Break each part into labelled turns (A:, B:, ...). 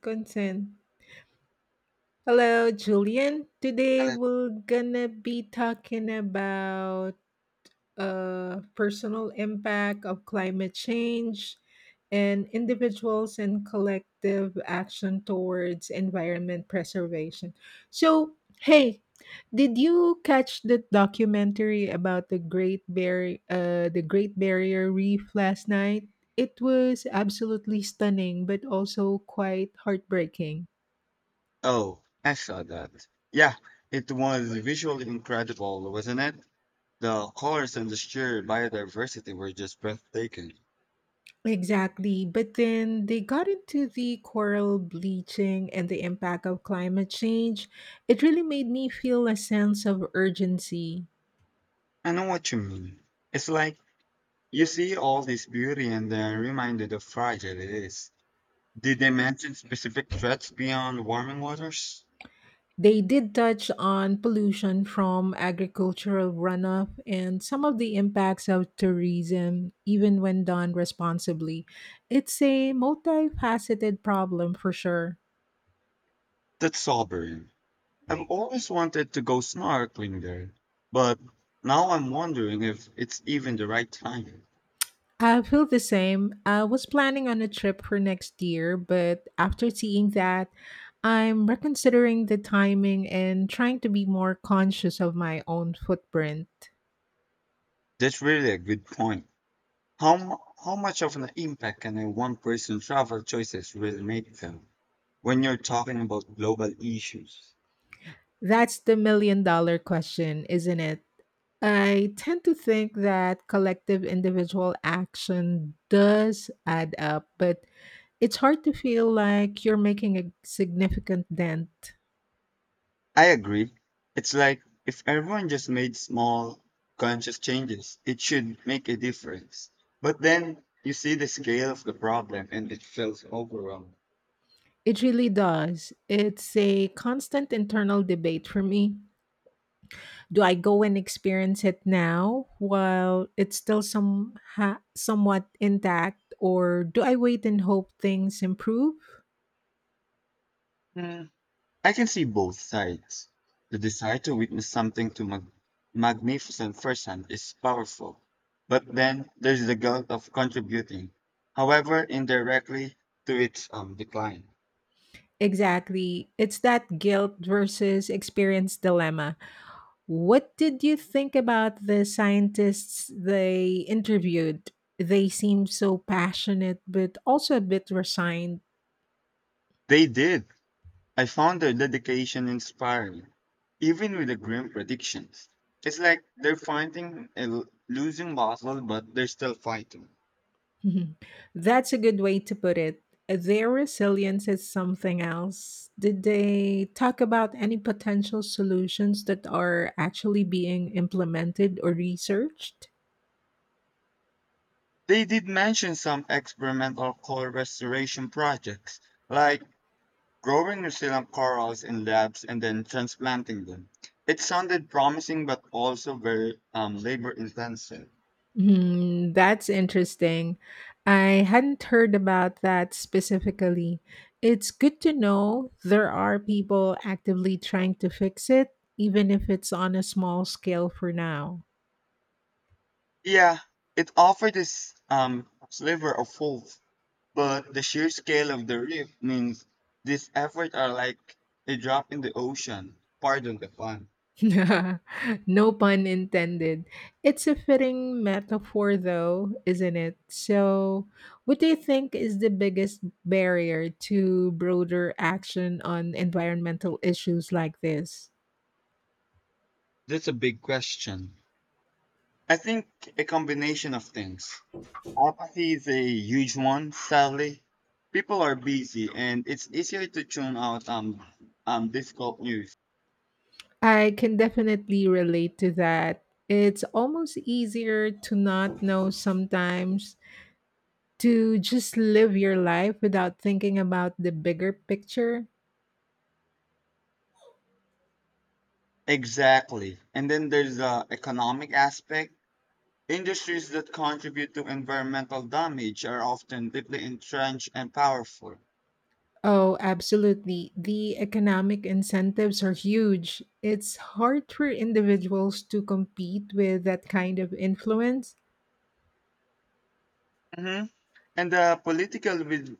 A: Consent. Hello, Julian. Today we're gonna be talking about personal impact of climate change and individuals and collective action towards environment preservation. So, hey, did you catch the documentary about the Great Barrier Reef last night? It was absolutely stunning, but also quite heartbreaking.
B: Oh, I saw that. Yeah, it was visually incredible, wasn't it? The colors and the sheer biodiversity were just breathtaking.
A: Exactly. But then they got into the coral bleaching and the impact of climate change. It really made me feel a sense of urgency.
B: I know what you mean. It's like you see all this beauty and then reminded of fragile it is. Did they mention specific threats beyond warming waters?
A: They did touch on pollution from agricultural runoff and some of the impacts of tourism, even when done responsibly. It's a multifaceted problem for sure.
B: That's sobering. I've always wanted to go snorkeling there, but now I'm wondering if it's even the right time.
A: I feel the same. I was planning on a trip for next year, but after seeing that, I'm reconsidering the timing and trying to be more conscious of my own footprint.
B: That's really a good point. How much of an impact can a one person travel choices really make though when you're talking about global issues?
A: That's the million dollar question, isn't it? I tend to think that collective individual action does add up, but it's hard to feel like you're making a significant dent.
B: I agree. It's like if everyone just made small conscious changes, it should make a difference. But then you see the scale of the problem and it feels overwhelming.
A: It really does. It's a constant internal debate for me. Do I go and experience it now while it's still somewhat intact or do I wait and hope things improve?
B: I can see both sides. The desire to witness something magnificent firsthand is powerful, but then there's the guilt of contributing, however indirectly, to its decline.
A: Exactly. It's that guilt versus experience dilemma. What did you think about the scientists they interviewed? They seemed so passionate but also a bit resigned.
B: They did. I found their dedication inspiring, even with the grim predictions. It's like they're fighting a losing battle, but they're still fighting.
A: Mhm. That's a good way to put it. Their resilience is something else. Did they talk about any potential solutions that are actually being implemented or researched?
B: They did mention some experimental coal restoration projects, like growing resilient corals in labs and then transplanting them. It sounded promising but also very labor intensive.
A: Hmm, that's interesting. I hadn't heard about that specifically. It's good to know there are people actively trying to fix it, even if it's on a small scale for now.
B: Yeah, it offered this sliver of hope, but the sheer scale of the reef means these efforts are like a drop in the ocean. Pardon the pun.
A: No pun intended. It's a fitting metaphor, though, isn't it? So, what do you think is the biggest barrier to broader action on environmental issues like this?
B: That's a big question. I think a combination of things. Apathy is a huge one, sadly. People are busy and it's easier to tune out difficult news.
A: I can definitely relate to that. It's almost easier to not know sometimes, to just live your life without thinking about the bigger picture.
B: Exactly. And then there's the economic aspect. Industries that contribute to environmental damage are often deeply entrenched and powerful.
A: Oh, absolutely. The economic incentives are huge. It's hard for individuals to compete with that kind of influence.
B: hmm And the political will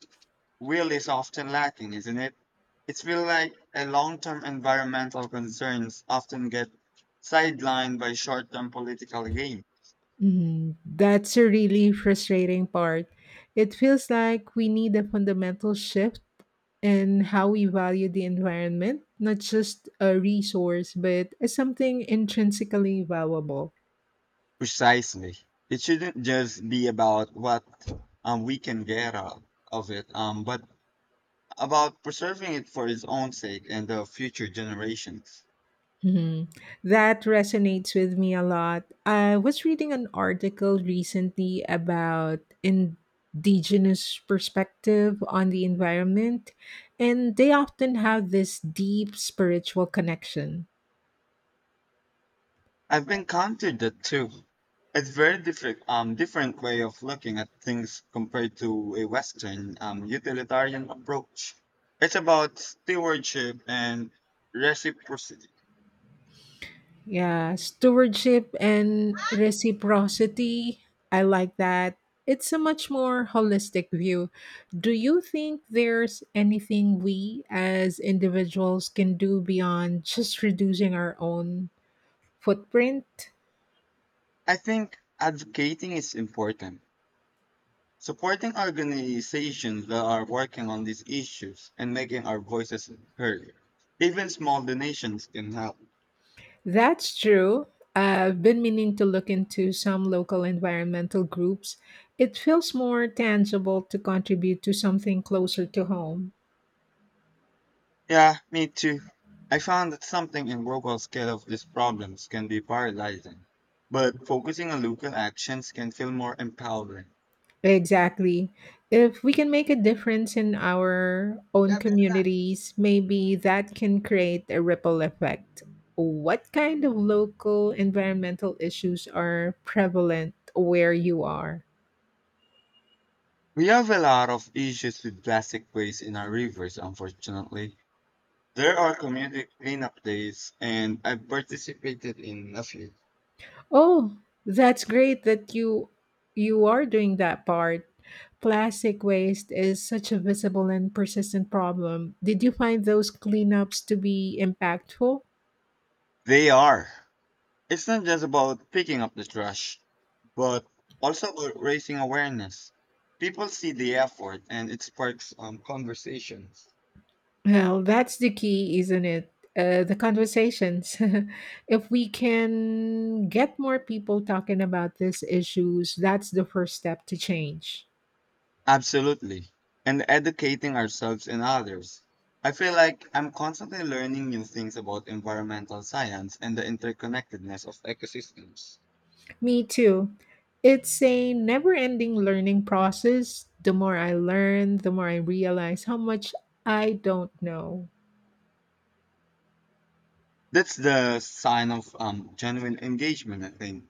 B: will is often lacking, isn't it? It feels like a long-term environmental concerns often get sidelined by short-term political gain.
A: Mm, that's a really frustrating part. It feels like we need a fundamental shift in how we value the environment, not just a resource, but as something intrinsically valuable.
B: Precisely. It shouldn't just be about what we can get out of it, but about preserving it for its own sake and the future generations.
A: Mhm. That resonates with me a lot. I was reading an article recently about indigenous perspective on the environment, and they often have this deep spiritual connection.
B: I've encountered that too. It's very different, different way of looking at things compared to a Western utilitarian approach. It's about stewardship and reciprocity.
A: Yeah, stewardship and reciprocity. I like that. It's a much more holistic view. Do you think there's anything we as individuals can do beyond just reducing our own footprint?
B: I think advocating is important. Supporting organizations that are working on these issues and making our voices heard. Even small donations can help.
A: That's true. I've been meaning to look into some local environmental groups. It feels more tangible to contribute to something closer to home.
B: Yeah, me too. I found that something in global scale of these problems can be paralyzing, but focusing on local actions can feel more empowering.
A: Exactly. If we can make a difference in our own communities, maybe that can create a ripple effect. What kind of local environmental issues are prevalent where you are?
B: We have a lot of issues with plastic waste in our rivers, unfortunately. There are community cleanup days, and I've participated in a few.
A: Oh, that's great that you are doing that part. Plastic waste is such a visible and persistent problem. Did you find those cleanups to be impactful?
B: They are. It's not just about picking up the trash, but also about raising awareness. People see the effort and it sparks conversations.
A: Well, that's the key, isn't it? The conversations. If we can get more people talking about these issues, that's the first step to change.
B: Absolutely. And educating ourselves and others. I feel like I'm constantly learning new things about environmental science and the interconnectedness of ecosystems.
A: Me too. It's a never ending learning process. The more I learn, the more I realize how much I don't know.
B: That's the sign of genuine engagement, I think.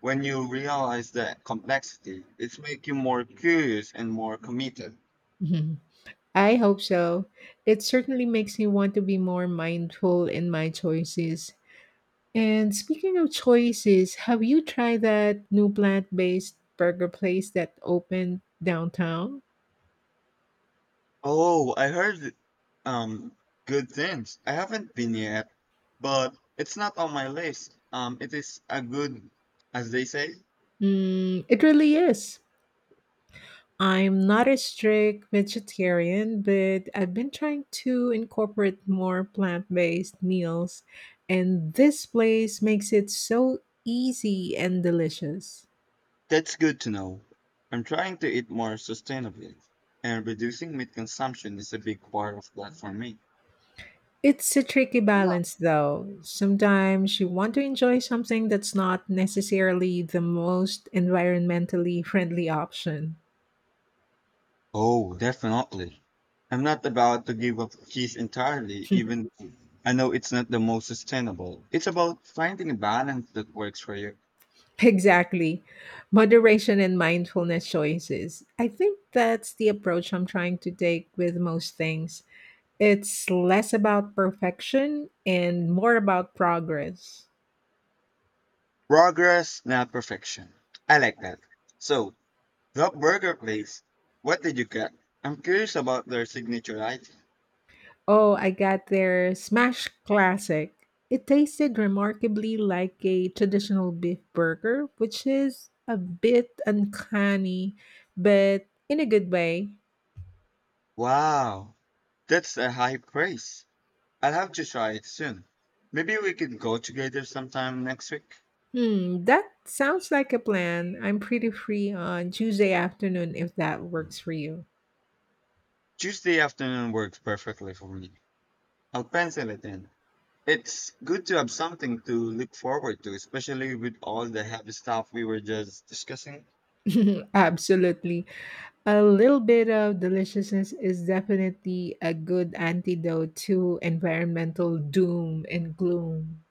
B: When you realize the complexity, it makes you more curious and more committed.
A: Mhm. I hope so. It certainly makes me want to be more mindful in my choices. And speaking of choices, have you tried that new plant based burger place that opened downtown?
B: Oh, I heard um good things. I haven't been yet, but it's not on my list. It is a good, as they say.
A: Mm, it really is. I'm not a strict vegetarian, but I've been trying to incorporate more plant based meals, and this place makes it so easy and delicious.
B: That's good to know. I'm trying to eat more sustainably, and reducing meat consumption is a big part of that for me.
A: It's a tricky balance, though. Sometimes you want to enjoy something that's not necessarily the most environmentally friendly option.
B: Oh, definitely. I'm not about to give up cheese entirely, even though I know it's not the most sustainable. It's about finding a balance that works for you.
A: Exactly. Moderation and mindfulness choices. I think that's the approach I'm trying to take with most things. It's less about perfection and more about progress.
B: Progress, not perfection. I like that. So, Rock Burger Place. What did you get? I'm curious about their signature item.
A: Oh, I got their smash classic. It tasted remarkably like a traditional beef burger, which is a bit uncanny, but in a good way.
B: Wow, that's a high praise. I'll have to try it soon. Maybe we can go together sometime next week.
A: Hmm, that sounds like a plan. I'm pretty free on Tuesday afternoon if that works for you.
B: Tuesday afternoon works perfectly for me. I'll pencil it in. It's good to have something to look forward to, especially with all the heavy stuff we were just discussing.
A: Absolutely. A little bit of deliciousness is definitely a good antidote to environmental doom and gloom.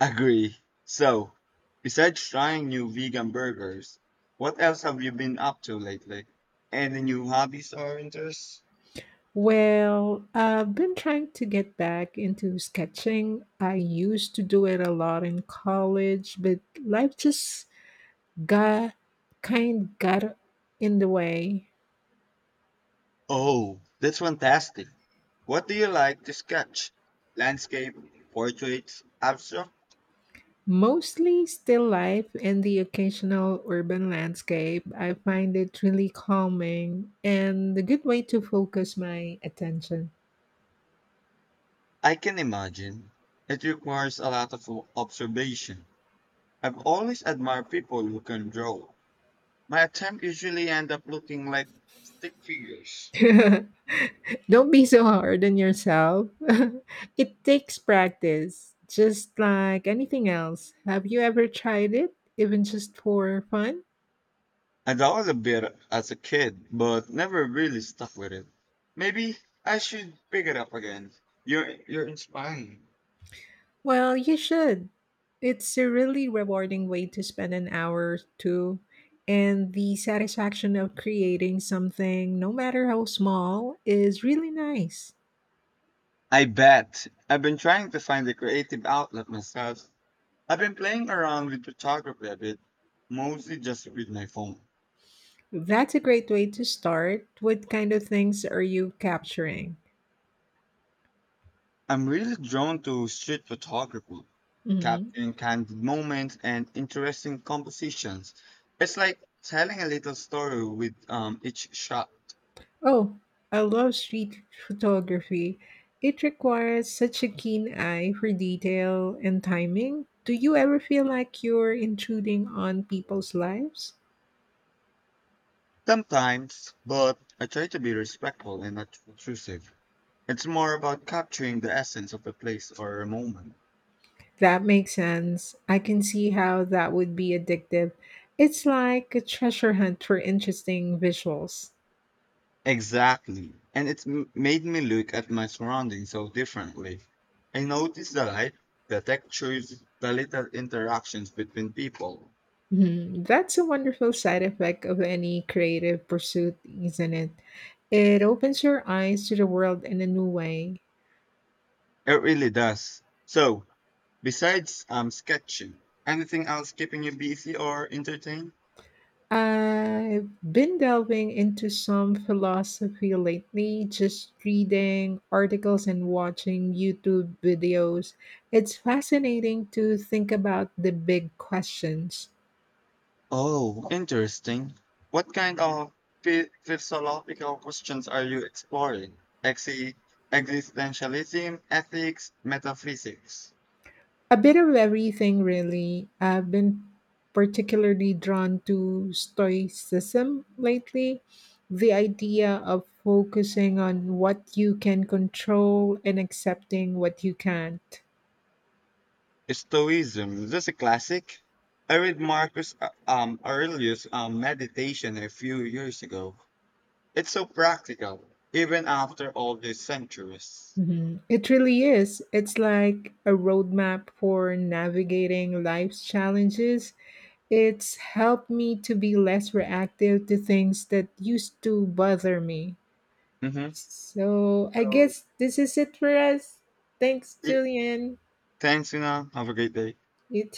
B: Agree. So, besides trying new vegan burgers, what else have you been up to lately? Any new hobbies or interests?
A: Well, I've been trying to get back into sketching. I used to do it a lot in college, but life just got kind got in the way.
B: Oh, that's fantastic. What do you like to sketch? Landscape, portraits, abstract?
A: Mostly still life and the occasional urban landscape. I find it really calming and a good way to focus my attention.
B: I can imagine. It requires a lot of observation. I've always admired people who can draw. My attempt usually end up looking like stick figures.
A: Don't be so hard on yourself. It takes practice, just like anything else. Have you ever tried it, even just for fun?
B: I dabbled a bit as a kid, but never really stuck with it. Maybe I should pick it up again. You're inspiring.
A: Well, you should. It's a really rewarding way to spend an hour or two, and the satisfaction of creating something, no matter how small, is really nice.
B: I bet. I've been trying to find a creative outlet myself. I've been playing around with photography a bit, mostly just with my phone.
A: That's a great way to start. What kind of things are you capturing?
B: I'm really drawn to street photography,
A: Mhm.
B: capturing candid moments and interesting compositions. It's like telling a little story with each shot.
A: Oh, I love street photography. It requires such a keen eye for detail and timing. Do you ever feel like you're intruding on people's lives?
B: Sometimes, but I try to be respectful and not intrusive. It's more about capturing the essence of a place or a moment.
A: That makes sense. I can see how that would be addictive. It's like a treasure hunt for interesting visuals.
B: Exactly. And it's made me look at my surroundings so differently. I notice the light, the textures, the little interactions between people.
A: Hmm, that's a wonderful side effect of any creative pursuit, isn't it? It opens your eyes to the world in a new way.
B: It really does. So, besides sketching, anything else keeping you busy or entertained?
A: I've been delving into some philosophy lately, just reading articles and watching YouTube videos. It's fascinating to think about the big questions.
B: Oh, interesting. What kind of philosophical questions are you exploring? Exi- Existentialism, ethics, metaphysics.
A: A bit of everything, really. I've been particularly drawn to Stoicism lately. The idea of focusing on what you can control and accepting what you can't.
B: Stoicism. That's a classic. I read Marcus Aurelius' Meditation a few years ago. It's so practical, even after all these centuries.
A: Mhm. It really is. It's like a roadmap for navigating life's challenges. It's helped me to be less reactive to things that used to bother me.
B: Mm-hmm.
A: So I
B: So,
A: guess this is it for us. Thanks,
B: y-
A: Julian.
B: thanks, Una. Have a great day.
A: You